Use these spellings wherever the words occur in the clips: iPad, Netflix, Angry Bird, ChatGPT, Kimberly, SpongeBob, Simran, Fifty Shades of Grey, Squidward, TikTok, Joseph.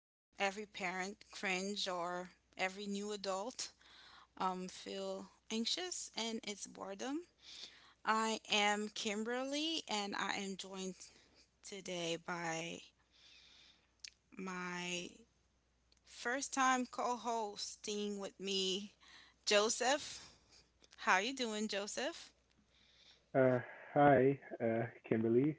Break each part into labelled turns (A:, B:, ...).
A: well, every parent cringe or every new adult feel anxious, and it's boredom. I am Kimberly, and I am joined today by my first time co hosting with me, Joseph. How you doing, Joseph?
B: Uh, Hi, Kimberly.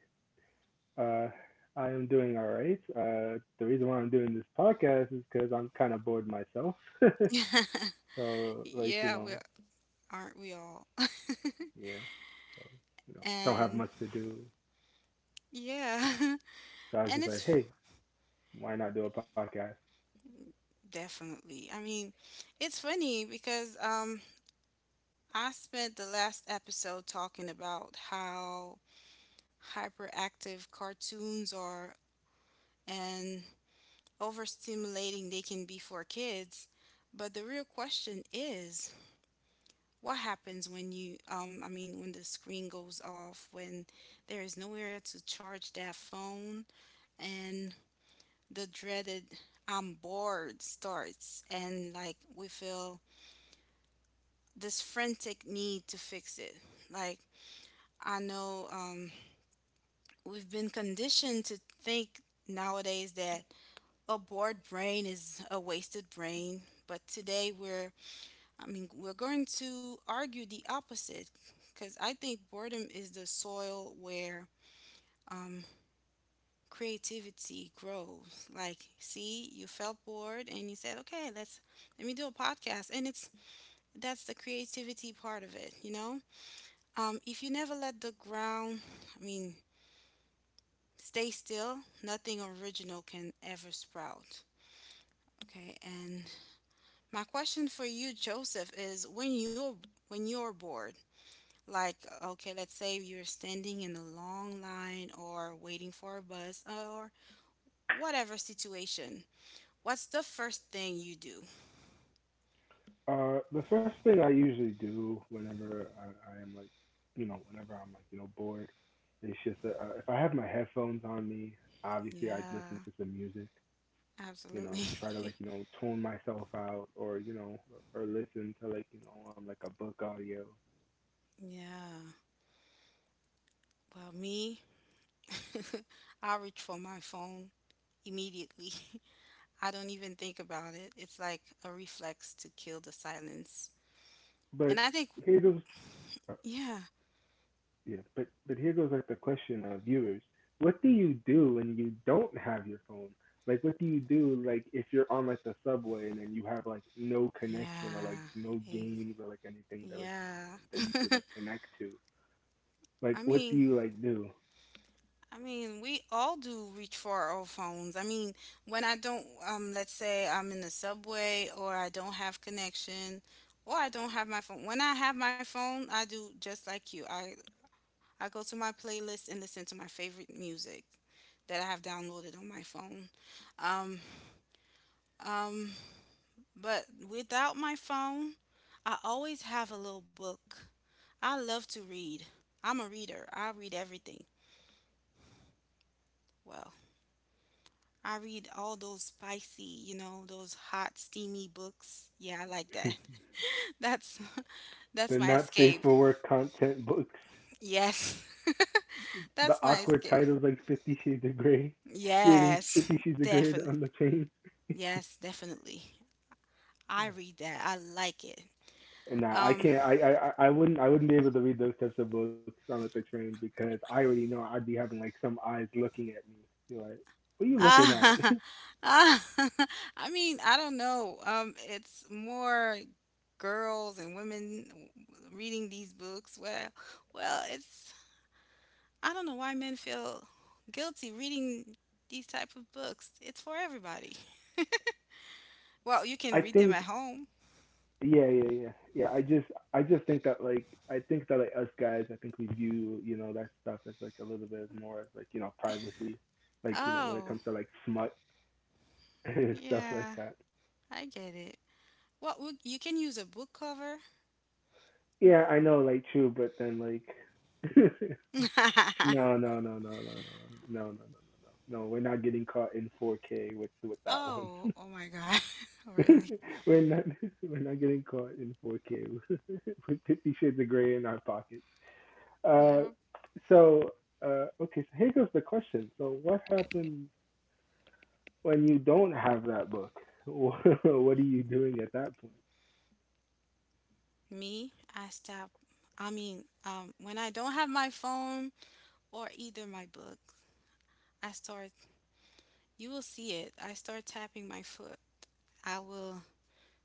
B: Uh, I am doing all right. The reason why I'm doing this podcast is because I'm kind of bored myself. So, like, you
A: Yeah, we
B: know,
A: aren't we all?
B: yeah. So, you know, don't have
A: And
B: much to do.
A: yeah.
B: So I was
A: And
B: just like,
A: it's
B: hey, why not do a podcast?
A: definitely, I mean, it's funny because I spent the last episode talking about how hyperactive cartoons are and overstimulating they can be for kids. But the real question is, what happens when you I mean, when the screen goes off, when there is nowhere to charge that phone, and the dreaded "I'm bored" starts, and like we feel this frantic need to fix it. Like, I know, we've been conditioned to think nowadays that a bored brain is a wasted brain, but today, we're I mean, we're going to argue the opposite, because I think boredom is the soil where um, creativity grows. Like, see, you felt bored and you said, "Okay, let me do a podcast." And it's that's the creativity part of it, you know? If you never let the ground, I mean, stay still, nothing original can ever sprout. Okay, and my question for you, Joseph, is, when you're bored, like, okay, let's say you're standing in a long line or waiting for a bus or whatever situation, what's the first thing you do?
B: The first thing I usually do whenever I am like, you know, whenever I'm like, you know, bored, it's just if I have my headphones on me, obviously I'd
A: Yeah,
B: listen to some music. You know,
A: absolutely.
B: try to like, you know, tone myself out or, you know, or listen to like, you know, like a book audio.
A: Yeah. Well, me, I reach for my phone immediately. I don't even think about it. It's like a reflex to kill the silence.
B: But
A: And I think,
B: here goes, uh,
A: yeah,
B: yeah, but here goes like the question of viewers. What do you do when you don't have your phone? Like, what do you do, like, if you're on like the subway and then you have like no connection or like
A: yeah,
B: no
A: ex-
B: games or like anything that like, you
A: yeah.
B: know, that you could like connect to?
A: I
B: Like, what do
A: mean,
B: you like do?
A: I mean, we all do reach for our phones. I mean, when I don't, let's say I'm in the subway, or I don't have connection, or I don't have my phone. When I have my phone, I do just like you. I go to my playlist and listen to my favorite music that I have downloaded on my phone. Um, um, but without my phone, I always have a little book. I love to read. I'm a reader. I read everything. Well, I read all those spicy, you know, those hot, steamy books. Yeah, I like that. That's that's
B: The
A: my
B: not safe
A: escape.
B: for work content books.
A: Yes.
B: The
A: That's my
B: awkward
A: escape.
B: titles like Fifty Shades of Grey. You're reading
A: Yes,
B: Fifty Shades of Grey
A: definitely.
B: on the train.
A: Yes, definitely. I read that. I like it.
B: And nah, I
A: Um,
B: can't. I wouldn't. I wouldn't be able to read those types of books on the train because I already know I'd be having like some eyes looking at me. You're like, what are you looking at?
A: ah, ah, I mean, I don't know. It's more girls and women reading these books. Well, it's I don't know why men feel guilty reading these type of books. It's for everybody. Well,
B: I
A: you can read
B: think.
A: them at home.
B: Yeah, I just think that like, I think that like us guys, I think we view you know that stuff as like a little bit more as like you know privacy, like you know when it
A: Oh,
B: comes to like smut and stuff like
A: yeah,
B: that.
A: I get it. What would you Can use a book cover?
B: Yeah, I know, like true, but then like no, no, no, no, no, no, no, no, no, no, no, no. We're not getting caught in 4K with that one.
A: Oh, oh my God. Really?
B: we're not we're not getting caught in 4K with Fifty Shades of Grey in our pocket. Uh,
A: Yep.
B: so okay, so here goes the question. So what happens when you don't have that book? What are you doing at that point?
A: Me, I stop. I mean, when I don't have my phone or either my book, I start, you will see it. I start tapping my foot. I will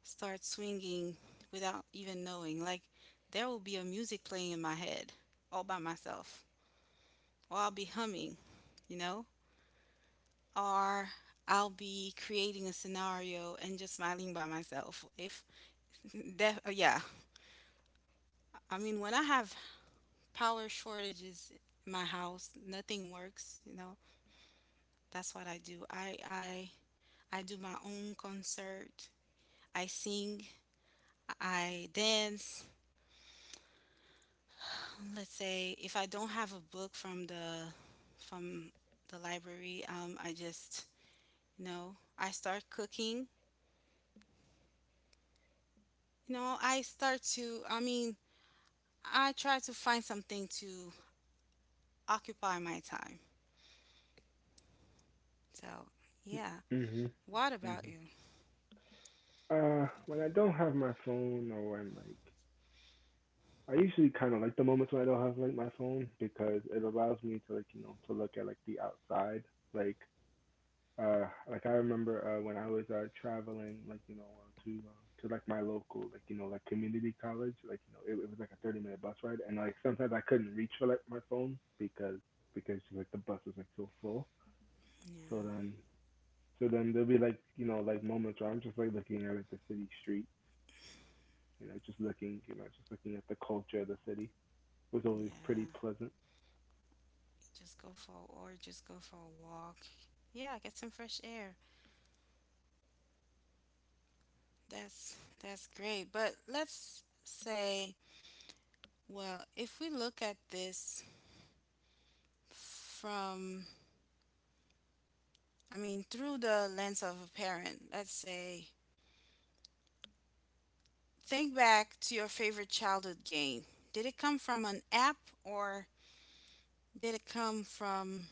A: start swinging without even knowing. Like, there will be a music playing in my head all by myself, or I'll be humming, you know, or I'll be creating a scenario and just smiling by myself. If that, yeah, I mean, when I have power shortages in my house, nothing works, you know. That's what I do. I do my own concert. I sing, I dance, let's say if I don't have a book from the library, I just I start cooking. You know, I start to. I mean, I try to find something to occupy my time. So yeah.
B: Mhm.
A: What about
B: Mhm.
A: you?
B: When I don't have my phone or when like I usually kind of like the moments when I don't have like my phone because it allows me to like you know to look at like the outside. Like like I remember when I was traveling like you know to like my local like you know like community college like you know it was like a 30-minute minute bus ride and like sometimes I couldn't reach for like my phone because like the bus was like so full. So
A: Yeah,
B: then so then there'll be like you know like moments where I'm just like looking at like the city street, you know, just looking you know just looking at the culture of the city was always pretty
A: yeah.
B: pleasant.
A: Just go for a walk. Yeah, get some fresh air. That's great. But let's say, well, if we look at this from, I mean, through the lens of a parent, let's say, think back to your favorite childhood game. Did it come from an app, or did it come from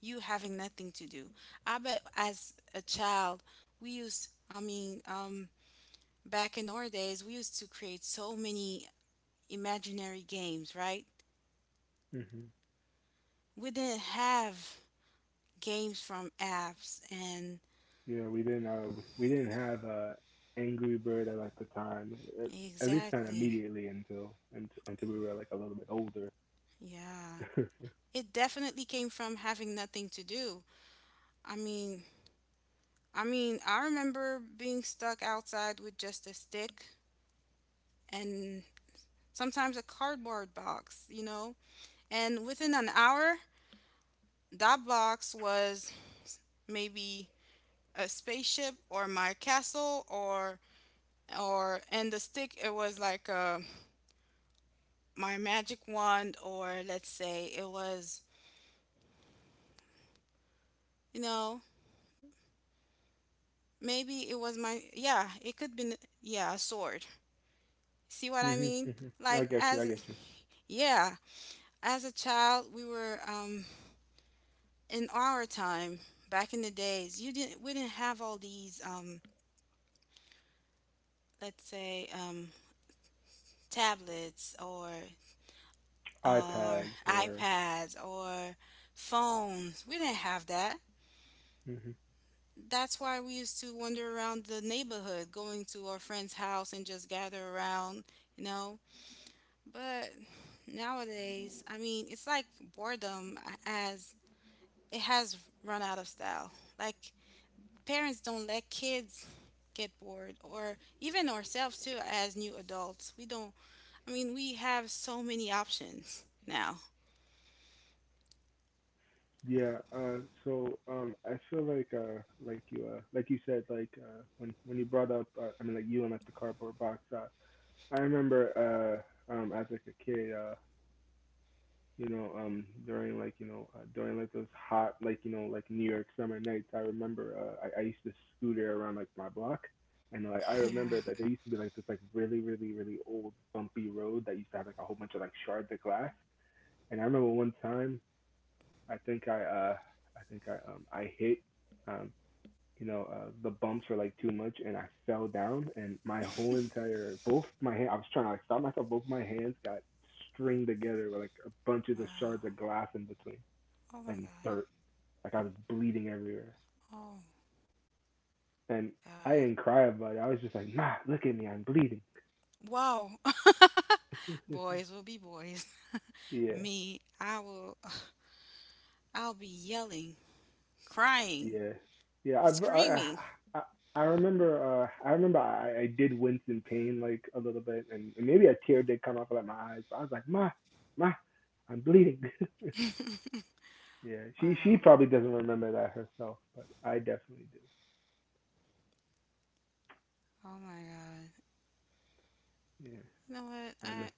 A: you having nothing to do? I bet as a child, I mean, back in our days, we used to create so many imaginary games, right?
B: Mhm.
A: We didn't have games from apps, and
B: Yeah, we didn't have Angry Bird at like the time. At least not
A: exactly,
B: immediately until we were like a little bit older.
A: yeah. It definitely came from having nothing to do. I mean, I remember being stuck outside with just a stick and sometimes a cardboard box, you know? And within an hour, that box was maybe a spaceship or my castle, or and the stick, it was like my magic wand, or let's say it was, you know, maybe it was my, yeah, it could be, yeah, a sword. See what I
B: Mhm.
A: mean?
B: Mhm. I
A: Like,
B: get you. I
A: as,
B: get you.
A: yeah, as a child, we were in our time, back in the days, you didn't we didn't have all these let's say tablets, or
B: iPads or
A: iPads, or phones, we didn't have that.
B: hmm
A: That's why we used to wander around the neighborhood going to our friend's house and just gather around, you know. But nowadays, I mean, it's like boredom, as it has run out of style. Like, parents don't let kids get bored, or even ourselves too as new adults, we don't I mean, we have so many options now.
B: yeah. I feel like like you said like when you brought up I mean like you and like the cardboard box. I remember as like a kid. You know, during like, you know, during like those hot, like, you know, like New York summer nights, I remember I used to scooter around like my block. And like I
A: Yeah.
B: remember that there used to be like this like really, really, really old bumpy road that used to have like a whole bunch of like shards of glass. And I remember one time I think I think I hit um you know, the bumps were like too much, and I fell down, and my whole entire both my hands. I was trying to like stop myself. Both my hands got stringed together with like bunches of
A: Wow.
B: shards of glass in between
A: Oh my
B: and
A: God.
B: dirt. Like I was bleeding everywhere,
A: Oh
B: and I
A: God.
B: didn't cry about it. I was just like, Ma, look at me, I'm bleeding.
A: Wow. Boys will be boys.
B: Yeah,
A: Me, I'll be yelling, crying,
B: Yeah, yeah. I've, I
A: screaming.
B: I I I remember. I did wince in pain like a little bit, and maybe a tear did come out of like my eyes. But I was like, ma, ma, I'm bleeding. Yeah, she
A: Wow.
B: probably doesn't remember that herself, but I definitely do.
A: Oh my God.
B: Yeah,
A: You know what,
B: I
A: I
B: miss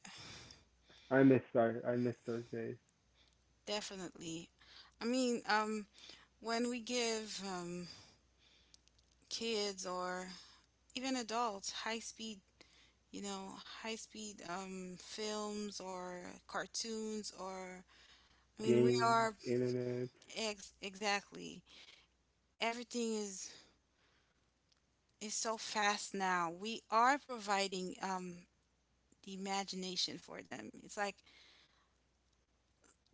B: I miss those days.
A: definitely, I mean, when we give kids or even adults you know, high speed films or cartoons, or, I mean, we
B: Games,
A: are,
B: internet.
A: ex exactly. Everything is so fast now. We are providing, the imagination for them. It's like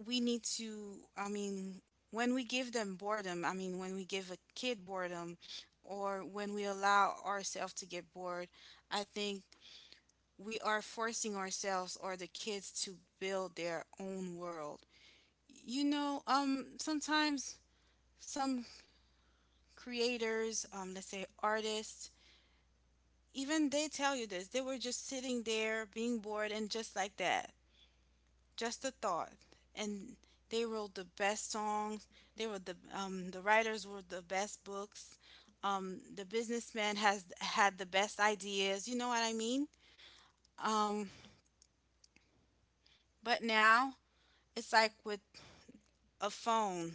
A: we need to. I mean, when we give them boredom, I mean, when we give a kid boredom, or when we allow ourselves to get bored, I think we are forcing ourselves or the kids to build their own world. You know, sometimes some creators, let's say artists, even they tell you this. They were just sitting there being bored and just like that, just a thought. And they wrote the best songs. They were the, the writers were the best books. The businessman has had the best ideas. You know what I mean? Um, but now it's like with a phone,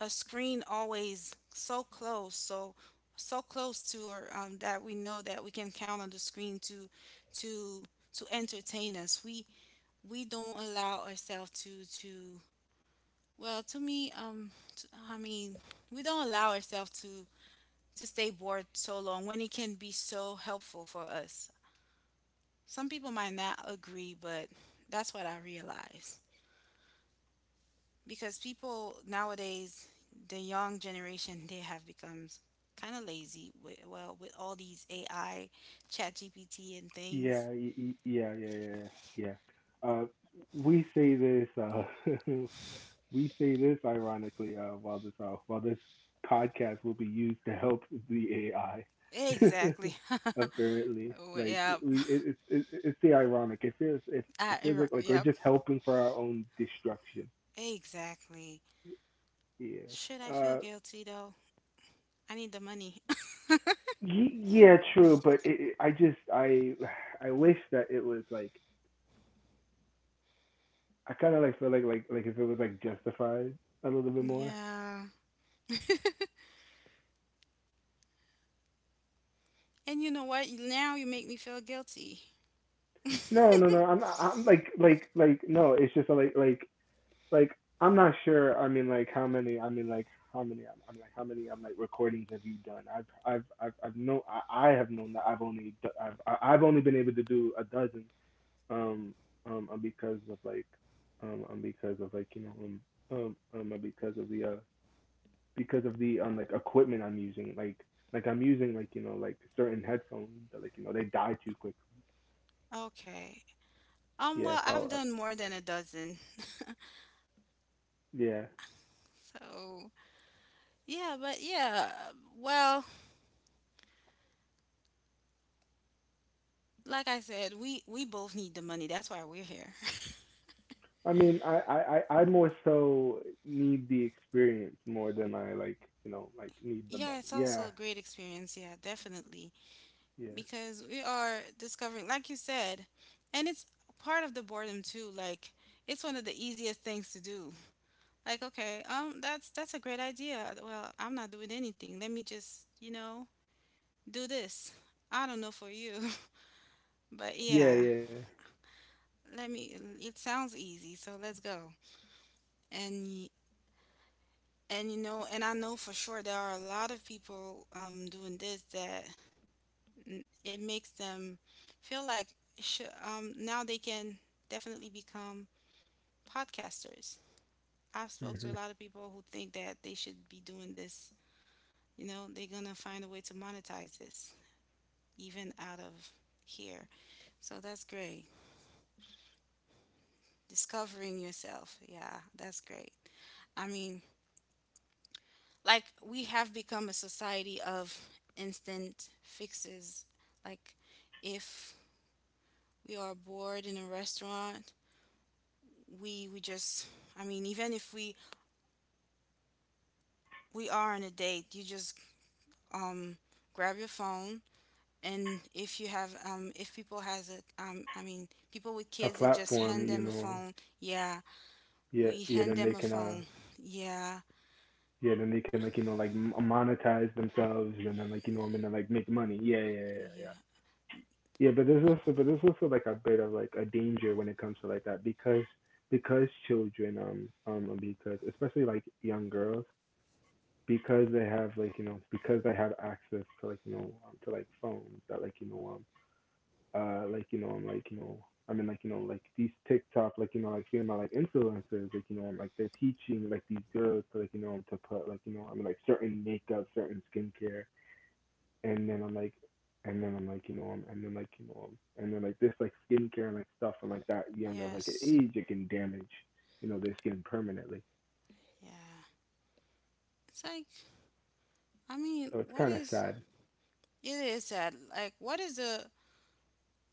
A: a screen always so close, so close to, or that we know that we can count on the screen to to entertain us. We don't allow ourselves to, well, to me, t I mean we don't allow ourselves to stay bored so long when it can be so helpful for us. Some people might not agree, but that's what I realize. Because people nowadays, the young generation, they have become kind of lazy with, well, with all these AI, Chat GPT and things.
B: Yeah, y- y- yeah, yeah, yeah, yeah. yeah. Uh, we say this. We say this ironically while this podcast will be used to help the AI.
A: Exactly.
B: Apparently,
A: Oh,
B: like
A: yep.
B: we, it, it's the ironic. It
A: I,
B: feels like we're
A: yep,
B: just helping for our own destruction.
A: exactly.
B: Yeah.
A: Should I feel
B: Uh.
A: guilty though? I need the money.
B: Yeah. True. But it, I just I wish that it was like I kind of like feel like if it was like justified a little bit more.
A: Yeah. And you know what, now you make me feel guilty.
B: No. I'm not. I'm like no. It's just like like I'm not sure. I mean, like how many? I mean, like how many? I mean, like how many? I'm like recordings have you done? I have known that I've only I have only been able to do a dozen um um uh, because of like because of like you know um um uh, because of the uh because of the like equipment I'm using like I'm using like you know like certain headphones that like you know they die too quick.
A: Okay.
B: Yeah.
A: Well,
B: So
A: I've done more than a dozen.
B: yeah.
A: So yeah, but yeah, well, like I said, we both need the money. That's why we're here.
B: I mean, I more so need the experience more than I like, you know, like need the
A: Yeah,
B: money.
A: it's
B: Yeah,
A: also a great experience. Yeah, definitely.
B: yeah,
A: Because we are discovering, like you said, and it's part of the boredom too. Like, it's one of the easiest things to do. Like, okay, that's a great idea. Well, I'm not doing anything. Let me just, you know, do this. I don't know for you, but
B: yeah,
A: yeah.
B: yeah.
A: Let me. It sounds easy, so let's go. And, you know, and I know for sure there are a lot of people doing this that, it makes them feel like, now they can definitely become podcasters. I've spoke to
B: Hmm.
A: a lot of people who think that they should be doing this. You know, they're gonna find a way to monetize this even out of here. So that's great. Discovering yourself, yeah, that's great. I mean, like, we have become a society of instant fixes. Like, if we are bored in a restaurant, we just, I mean, even if we, are on a date, you just um grab your phone. And if you have if people has a I mean, people with
B: A
A: kids, they just
B: platform,
A: hand
B: you
A: them a
B: know.
A: phone. Yeah,
B: Yeah,
A: we
B: yeah.
A: hand
B: Then
A: them
B: they
A: a
B: can,
A: phone. Yeah,
B: yeah. Then they can like, you know, like monetize themselves, and then like, you know, and then like make money. Yeah, yeah, yeah, yeah.
A: yeah,
B: But there's also like a bit of like a danger when it comes to like that because children, because especially like young girls because they have like you know because they have access to like you know to like phones that like you know I'm like you know I mean like you know like these TikTok like you know like seeing my like influencers like you know I'm like they're teaching like these girls to like you know to put like you know I'm like certain makeup certain skincare and then I'm like and then I'm like you know and then like you know and then like this like skincare and like stuff and like that young of like an
A: yes,
B: age it can damage you know their skin permanently
A: yeah. It's like, I mean,
B: so it's
A: what
B: kind of
A: is
B: sad.
A: It is sad. Like, what is the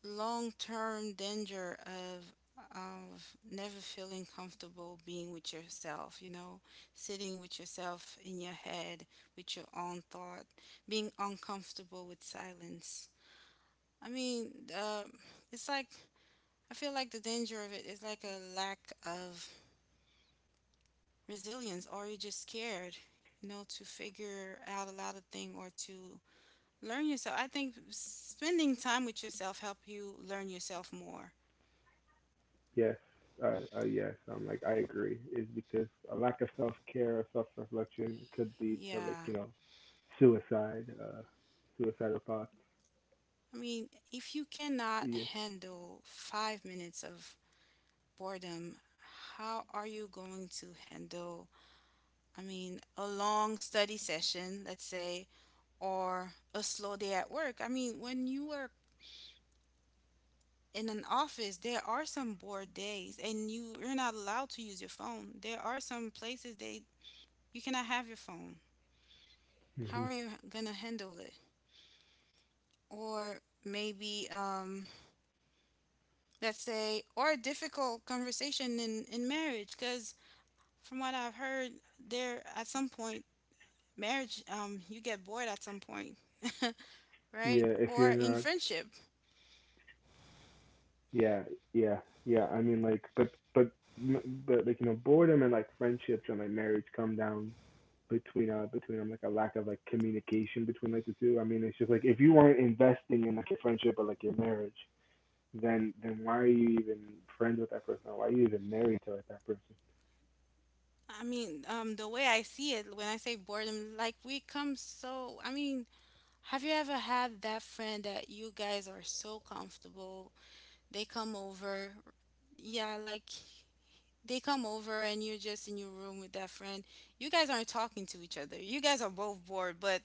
A: long-term danger of never feeling comfortable being with yourself, you know, sitting with yourself in your head, with your own thought, being uncomfortable with silence. I mean, it's like, I feel like the danger of it is like a lack of resilience, or you're just scared, you know, to figure out a lot of things, or to learn yourself. I think spending time with yourself help you learn yourself more.
B: Yes, yes. Like I agree. Is because a lack of self care or self reflection could lead to like
A: Yeah.
B: you know suicide, suicidal thoughts.
A: I mean, if you cannot
B: Yeah.
A: handle 5 minutes of boredom, how are you going to handle, I mean, a long study session, let's say, or a slow day at work? I mean, when you work in an office, there are some bored days and you're not allowed to use your phone. There are some places they you cannot have your phone. How
B: Hmm.
A: are you going to handle it? Or maybe let's say, or a difficult conversation in marriage, because from what I've heard, there at some point marriage, you get bored at some point.
B: Yeah.
A: Right?
B: If you're
A: Or in
B: not.
A: friendship.
B: Yeah. Yeah. Yeah. I mean, like, but like you know, boredom and like friendships and like marriage come down between like a lack of like communication between like the two. I mean, it's just like if you aren't investing in like your friendship or like your marriage, then why are you even friends with that person? Why are you even married to like that person?
A: The way I see it, when I say boredom, like we come, so I mean, have you ever had that friend that you guys are so comfortable, they come over, yeah, like they come over and you're just in your room with that friend, you guys aren't talking to each other, you guys are both bored, but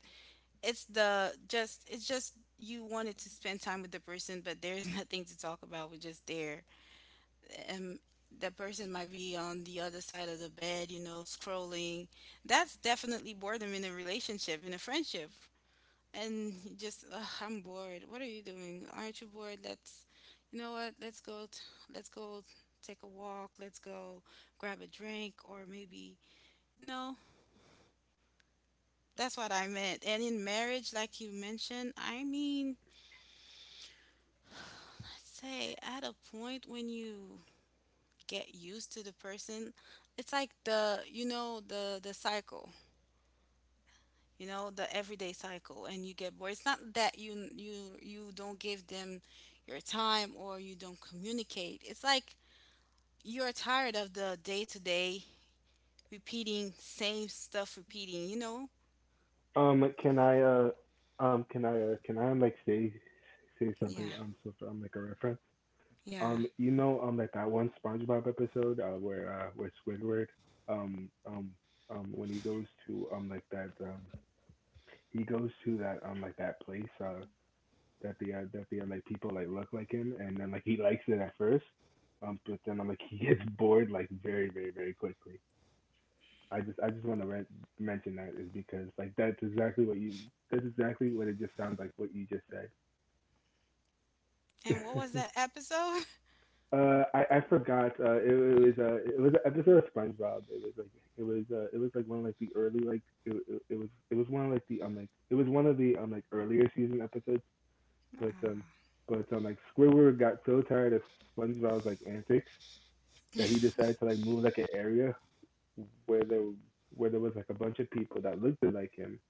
A: it's the just it's just you wanted to spend time with the person, but there's nothing to talk about, we're just there. And that person might be on the other side of the bed, you know, scrolling. That's definitely boredom in a relationship, in a friendship. And you just, I'm bored. What are you doing? Aren't you bored? Let's, you know what? Let's go. Let's go take a walk. Let's go grab a drink, or maybe no. That's what I meant. And in marriage, like you mentioned, I mean, I'd say at a point when you get used to the person, it's like the cycle. You know, the everyday cycle, and you get bored. It's not that you don't give them your time or you don't communicate, it's like you're tired of the day to day repeating same stuff, repeating, you know.
B: Like, can I can I can I like say something
A: Yeah,
B: so for like a reference?
A: yeah.
B: You know like that one SpongeBob episode where Squidward um um when he goes to like that he goes to that like that place that the like people like look like him and then like he likes it at first but then I'm like he gets bored like very very very quickly. I just want to mention that is because like that's exactly what it just sounds like what you just said.
A: And what was that episode?
B: I forgot. It was an episode of SpongeBob. It was like it was like one of like the early like it was one of like the like it was one of the like earlier season episodes. But um
A: Ah.
B: but um like Squidward got so tired of SpongeBob's like antics that he decided to like move like an area where there where there was like a bunch of people that looked like him,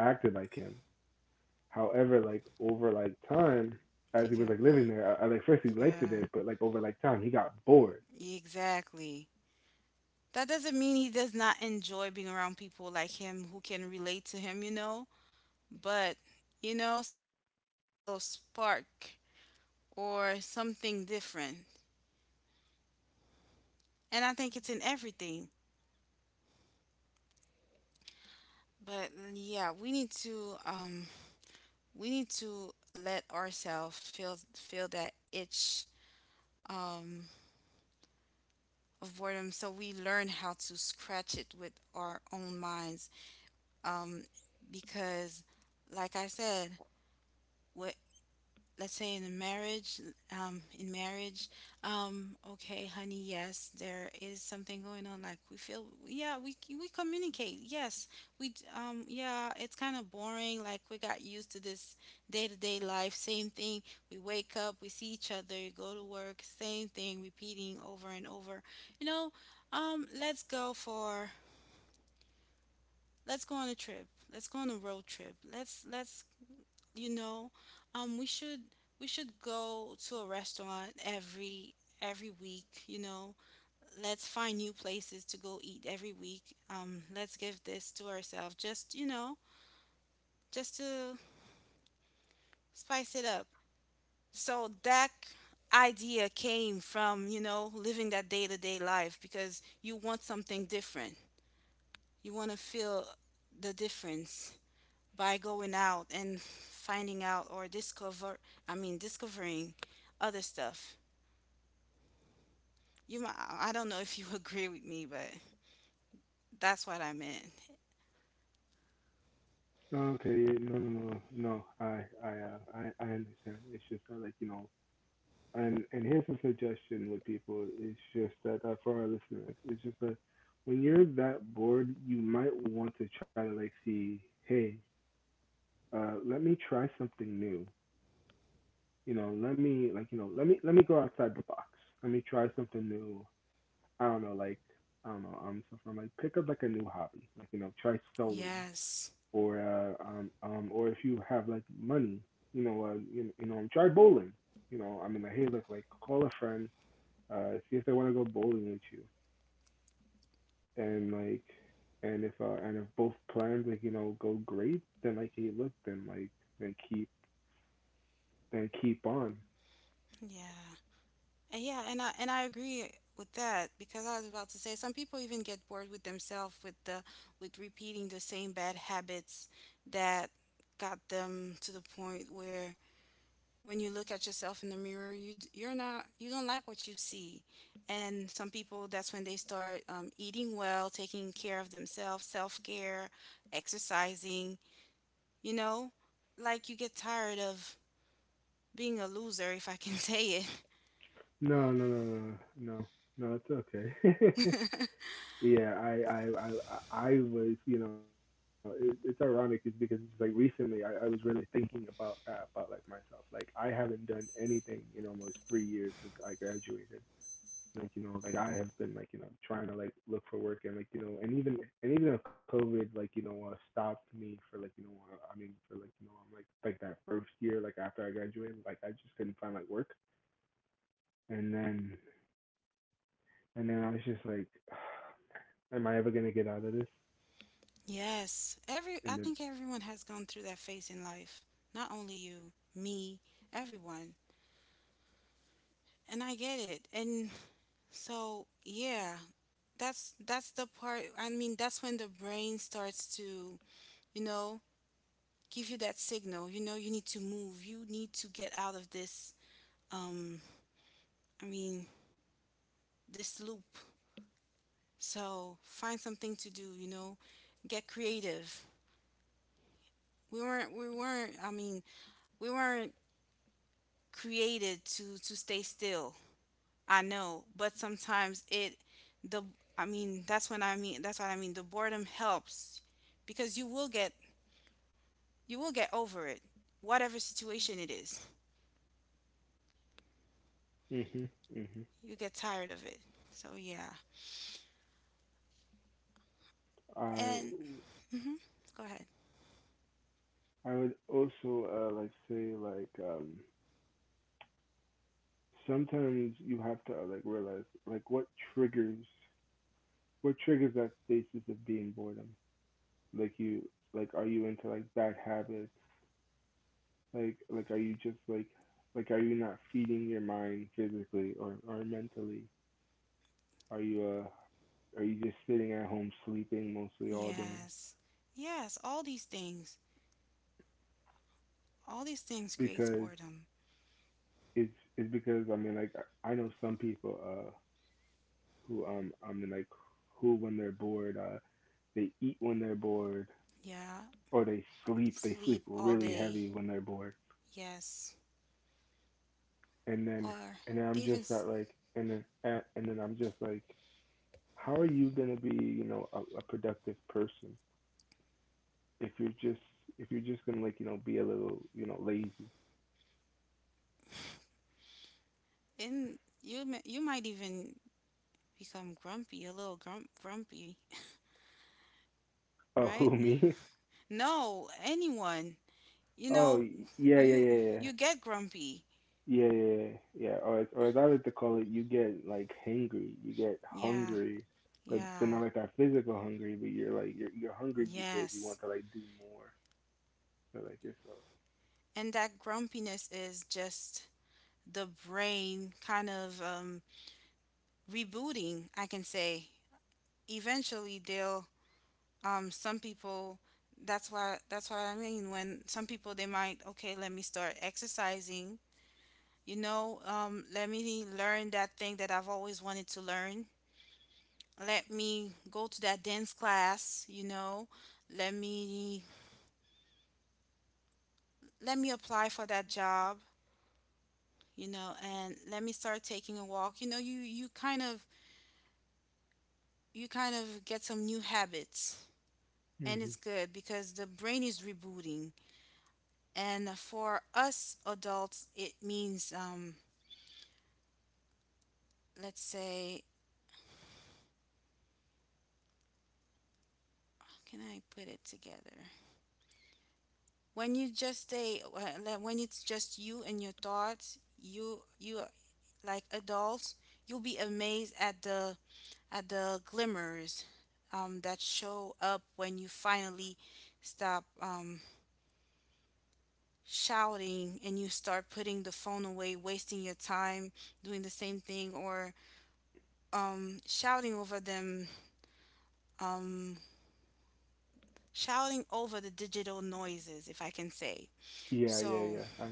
B: acted like him. However, like over like time, as
A: He
B: he was
A: got,
B: like living there, I, like first he liked
A: yeah,
B: it, but like over like time, he got bored.
A: exactly. That doesn't mean he does not enjoy being around people like him who can relate to him, you know? But, you know, sometimes you need a little spark or something different. And I think it's in everything. But yeah, we need to let ourselves feel that itch um of boredom, so we learn how to scratch it with our own minds. Um because like I said, what, let's say in a marriage, in marriage, okay, honey, yes, there is something going on, like we feel, yeah, we communicate, yes, yeah, it's kind of boring, like we got used to this day-to-day life, same thing, we wake up, we see each other, go to work, same thing repeating over and over, you know. Let's go for, let's go on a trip, let's go on a road trip, let's you know, we should, we should go to a restaurant every week, you know, let's find new places to go eat every week. Let's give this to ourselves, just, you know, just to spice it up. So that idea came from, you know, living that day-to-day life, because you want something different, you want to feel the difference by going out and finding out, or discover, I mean, discovering other stuff. You might, I don't know if you agree with me, but that's what I meant.
B: Oh, okay, yeah, no, no, no, no. I understand. It's just that, and here's a suggestion with people. It's just that for our listeners, it's just that when you're that bored, you might want to try to like see, hey, let me try something new. You know, let me let me go outside the box. Let me try something new. I don't know, like I don't know, so from like pick up like a new hobby, try sewing
A: Yes.
B: or if you have like money, you know, you know, try bowling. You know, I mean, like, hey, look, like call a friend, see if they want to go bowling with you, and like, and if both plans go great, then like hey, look, then like then keep then keep on.
A: Yeah. And yeah, and I agree with that, because I was about to say some people even get bored with themselves, with the with repeating the same bad habits that got them to the point where when you look at yourself in the mirror, you're not, you don't like what you see. And some people, that's when they start eating well, taking care of themselves, self-care, exercising. You know, like you get tired of being a loser, if I can say it.
B: No, no, no, no, no, no, it's okay. Yeah, I was, you know, it's ironic is because it's just like recently I was really thinking about that about like myself. Like I haven't done anything in almost 3 years since I graduated. Like, you know, like I have been like, you know, trying to like look for work and like, you know, and even if COVID like, you know, stopped me for like, you know, I mean for like, you know, I'm like that first year, like after I graduated, like I just couldn't find like work. And then I was just like, am I ever gonna get out of this?
A: Yes, every, I
B: And then
A: think everyone has gone through that phase in life. Not only you, me, everyone. And I get it. And so, yeah, that's the part. I mean, that's when the brain starts to, you know, give you that signal. You know, you need to move. You need to get out of this um I mean, this loop. So, find something to do, you know, get creative. We weren't I mean, we weren't created to stay still. I know, but sometimes it the, I mean, that's when, I mean, that's what I mean. The boredom helps, because you will get, you will get over it. Whatever situation it is.
B: mhm. Mhm.
A: You get tired of it. So yeah.
B: I
A: And mhm. Go ahead.
B: I would also like say like sometimes you have to like realize like what triggers, that stasis of being boredom. Like you like are you into like bad habits? Like are you just like are you not feeding your mind physically or mentally? Are you uh are you just sitting at home sleeping mostly all day?
A: Yes. Yes, all these things. All these things creates
B: Because
A: boredom.
B: it's because I mean like I know some people who and like who, when they're bored, they eat when they're bored,
A: Yeah.
B: or they sleep,
A: Sleep all
B: really
A: day.
B: heavy when they're bored.
A: Yes.
B: And then
A: Or
B: and then
A: they
B: I'm
A: even
B: just not like and then I'm just like how are you gonna be, you know, a productive person if you're just, if you're just gonna like you know be a little you know lazy.
A: and you you might even become grumpy, a little grumpy,
B: Oh,
A: right?
B: who me?
A: No, anyone. You
B: Oh,
A: know,
B: yeah, yeah,
A: you
B: yeah, yeah.
A: you get grumpy.
B: Yeah, yeah, yeah, yeah. Or as I like to call it, you get like hangry. You get
A: Yeah,
B: hungry, but
A: yeah.
B: not like that physical hungry. But you're like you're hungry because you
A: Yes.
B: want to like do more for like yourself.
A: And that grumpiness is just the brain kind of rebooting, I can say. Eventually, they'll, some people, that's why, that's what I mean, when some people, they might, okay, let me start exercising. You know, let me learn that thing that I've always wanted to learn. Let me go to that dance class, you know. Let me let me apply for that job, you know, and let me start taking a walk. You know, you kind of, you kind of get some new habits. And
B: Mhm.
A: it's good because the brain is rebooting. And for us adults, it means let's say, how can I put it together? When you just stay, when like, when it's just you and your thoughts, you, like adults, you'll be amazed at the glimmers that show up when you finally stop shouting, and you start putting the phone away, wasting your time doing the same thing, or shouting over them, um, shouting over the digital noises, if I can say.
B: Yeah, yeah,
A: So
B: yeah.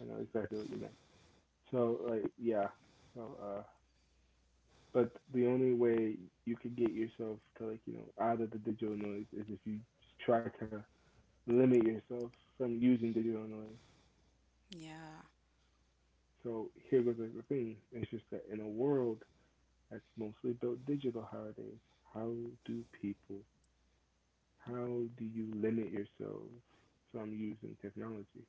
B: I know exactly what you meant. So like yeah. So but the only way you could get yourself to like you know out of the digital noise is if you try to limit yourself from using digital noise.
A: yeah,
B: So here goes like the thing. It's just that in a world that's mostly about digital holidays. How do people, how do you limit yourself from using technology,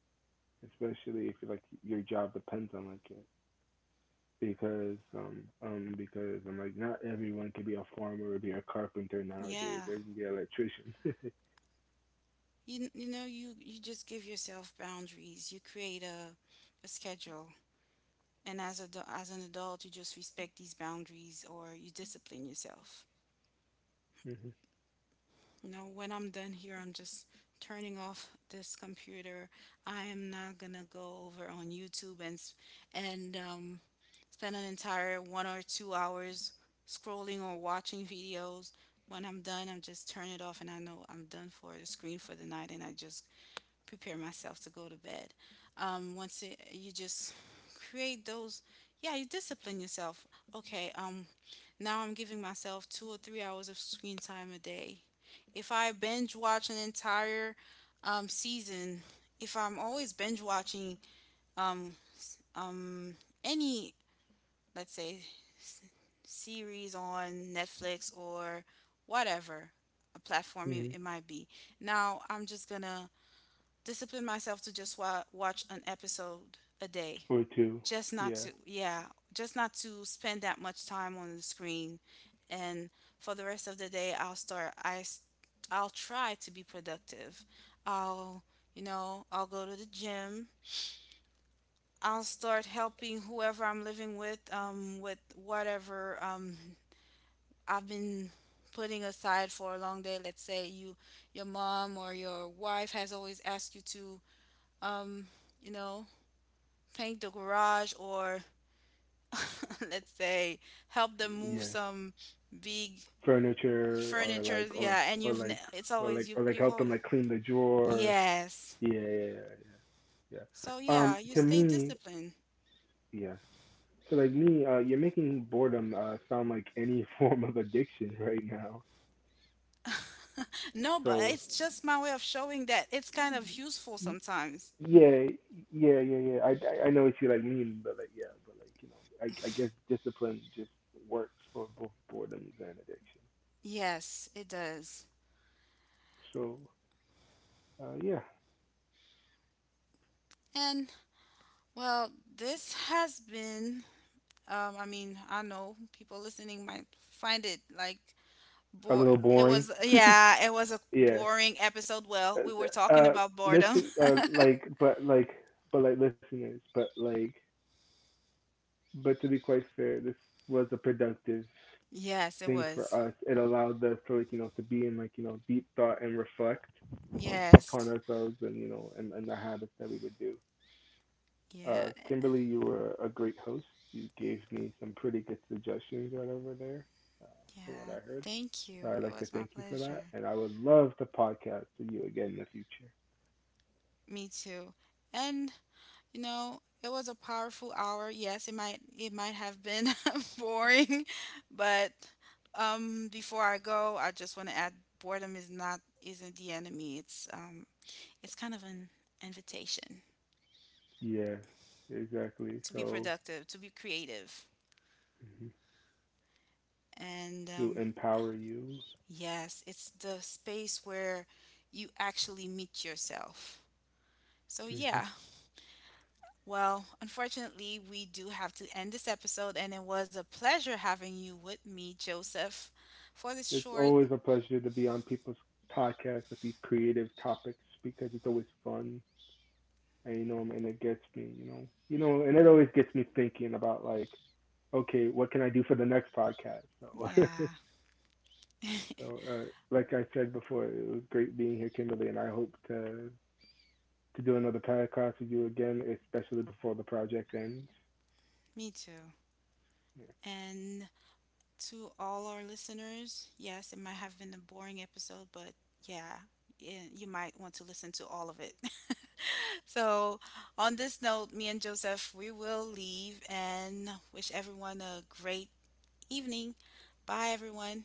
B: especially if like your job depends on like it? Because I'm like not everyone can be a farmer or be a carpenter nowadays.
A: yeah.
B: They can be an electrician.
A: You know, you just give yourself boundaries. You create a schedule, and as a as an adult, you just respect these boundaries, or you discipline yourself.
B: Mm-hmm.
A: You know, when I'm done here, I'm just turning off this computer. I am not gonna go over on YouTube and and spend an entire 1 or 2 hours scrolling or watching videos. When I'm done, I'm just turn it off, and I know I'm done for the screen for the night, and I just prepare myself to go to bed. Once it, you just create those, yeah, you discipline yourself. Okay, now I'm giving myself 2 or 3 hours of screen time a day. If I binge watch an entire season, if I'm always binge watching um, um, any, let's say, s- series on Netflix or whatever a platform it,
B: Hmm.
A: it might be, now I'm just gonna discipline myself to just watch an episode a day.
B: Or two.
A: Just not
B: Yeah.
A: to, Yeah. Just not to spend that much time on the screen. And for the rest of the day, I'll start, I'll try to be productive, I'll, you know, I'll go to the gym, I'll start helping whoever I'm living with, with whatever I've been putting aside for a long day. Let's say you, your mom or your wife has always asked you to um you know, paint the garage, or let's say help them move
B: Yeah.
A: some big
B: Furniture
A: furniture. Yeah. And
B: or like
A: it's
B: or
A: always
B: like
A: you,
B: or like
A: you've
B: help them
A: always,
B: like clean the drawer.
A: yes.
B: Yeah, yeah, yeah, yeah, yeah.
A: So yeah, you
B: To
A: stay
B: me,
A: disciplined.
B: yeah. So like me, you're making boredom sound like any form of addiction right now.
A: No, but
B: So
A: it's just my way of showing that it's kind of useful
B: y-
A: sometimes.
B: yeah, yeah, yeah, yeah. I know what you like mean, but like yeah, but like you know, I guess discipline just works for both boredoms and addiction.
A: Yes, it does.
B: So yeah,
A: And, well, this has been I mean, I know people listening might find it like
B: a
A: bore,
B: little
A: it
B: boring.
A: was, yeah, it was a
B: Yeah.
A: boring episode. Well, we were
B: Uh,
A: talking
B: uh,
A: about boredom.
B: listen, like, but like, but like listeners, but like, but to be quite fair, this was a productive
A: Yes, it
B: thing for
A: was.
B: us. It allowed us to like you know to be in like you know deep thought and reflect upon
A: Yes.
B: ourselves and you know and the habits that we would do.
A: Yeah.
B: Kimberly, you were a great host. You gave me some pretty good suggestions right over there, uh, from what
A: Yeah.
B: I heard.
A: Thank
B: So
A: you.
B: I'd
A: It
B: like to
A: was my
B: thank you for that,
A: pleasure.
B: and I would love to podcast with you again in the future.
A: Me too. And you know, it was a powerful hour. Yes, it might, it might have been boring, but before I go, I just want to add, boredom is not, isn't the enemy. It's kind of an invitation
B: Yeah, exactly.
A: to be
B: So
A: productive, to be creative.
B: mhm,
A: And
B: to empower you.
A: yes, it's the space where you actually meet yourself. So,
B: Hmm.
A: yeah, well, unfortunately, we do have to end this episode, and it was a pleasure having you with me, Joseph, for this
B: It's
A: short.
B: always a pleasure to be on people's podcasts with these creative topics because it's always fun and you know and it gets me, you know. You know, and it always gets me thinking about like, okay, what can I do for the next podcast? So
A: Yeah,
B: so like I said before, it was great being here, Kimberly, and I hope to do another podcast with you again, especially before the project ends.
A: me too.
B: Yeah.
A: And to all our listeners, yes, it might have been a boring episode, but yeah, you might want to listen to all of it. So, on this note, me and Joseph, we will leave and wish everyone a great evening. Bye, everyone.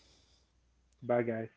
B: Bye guys.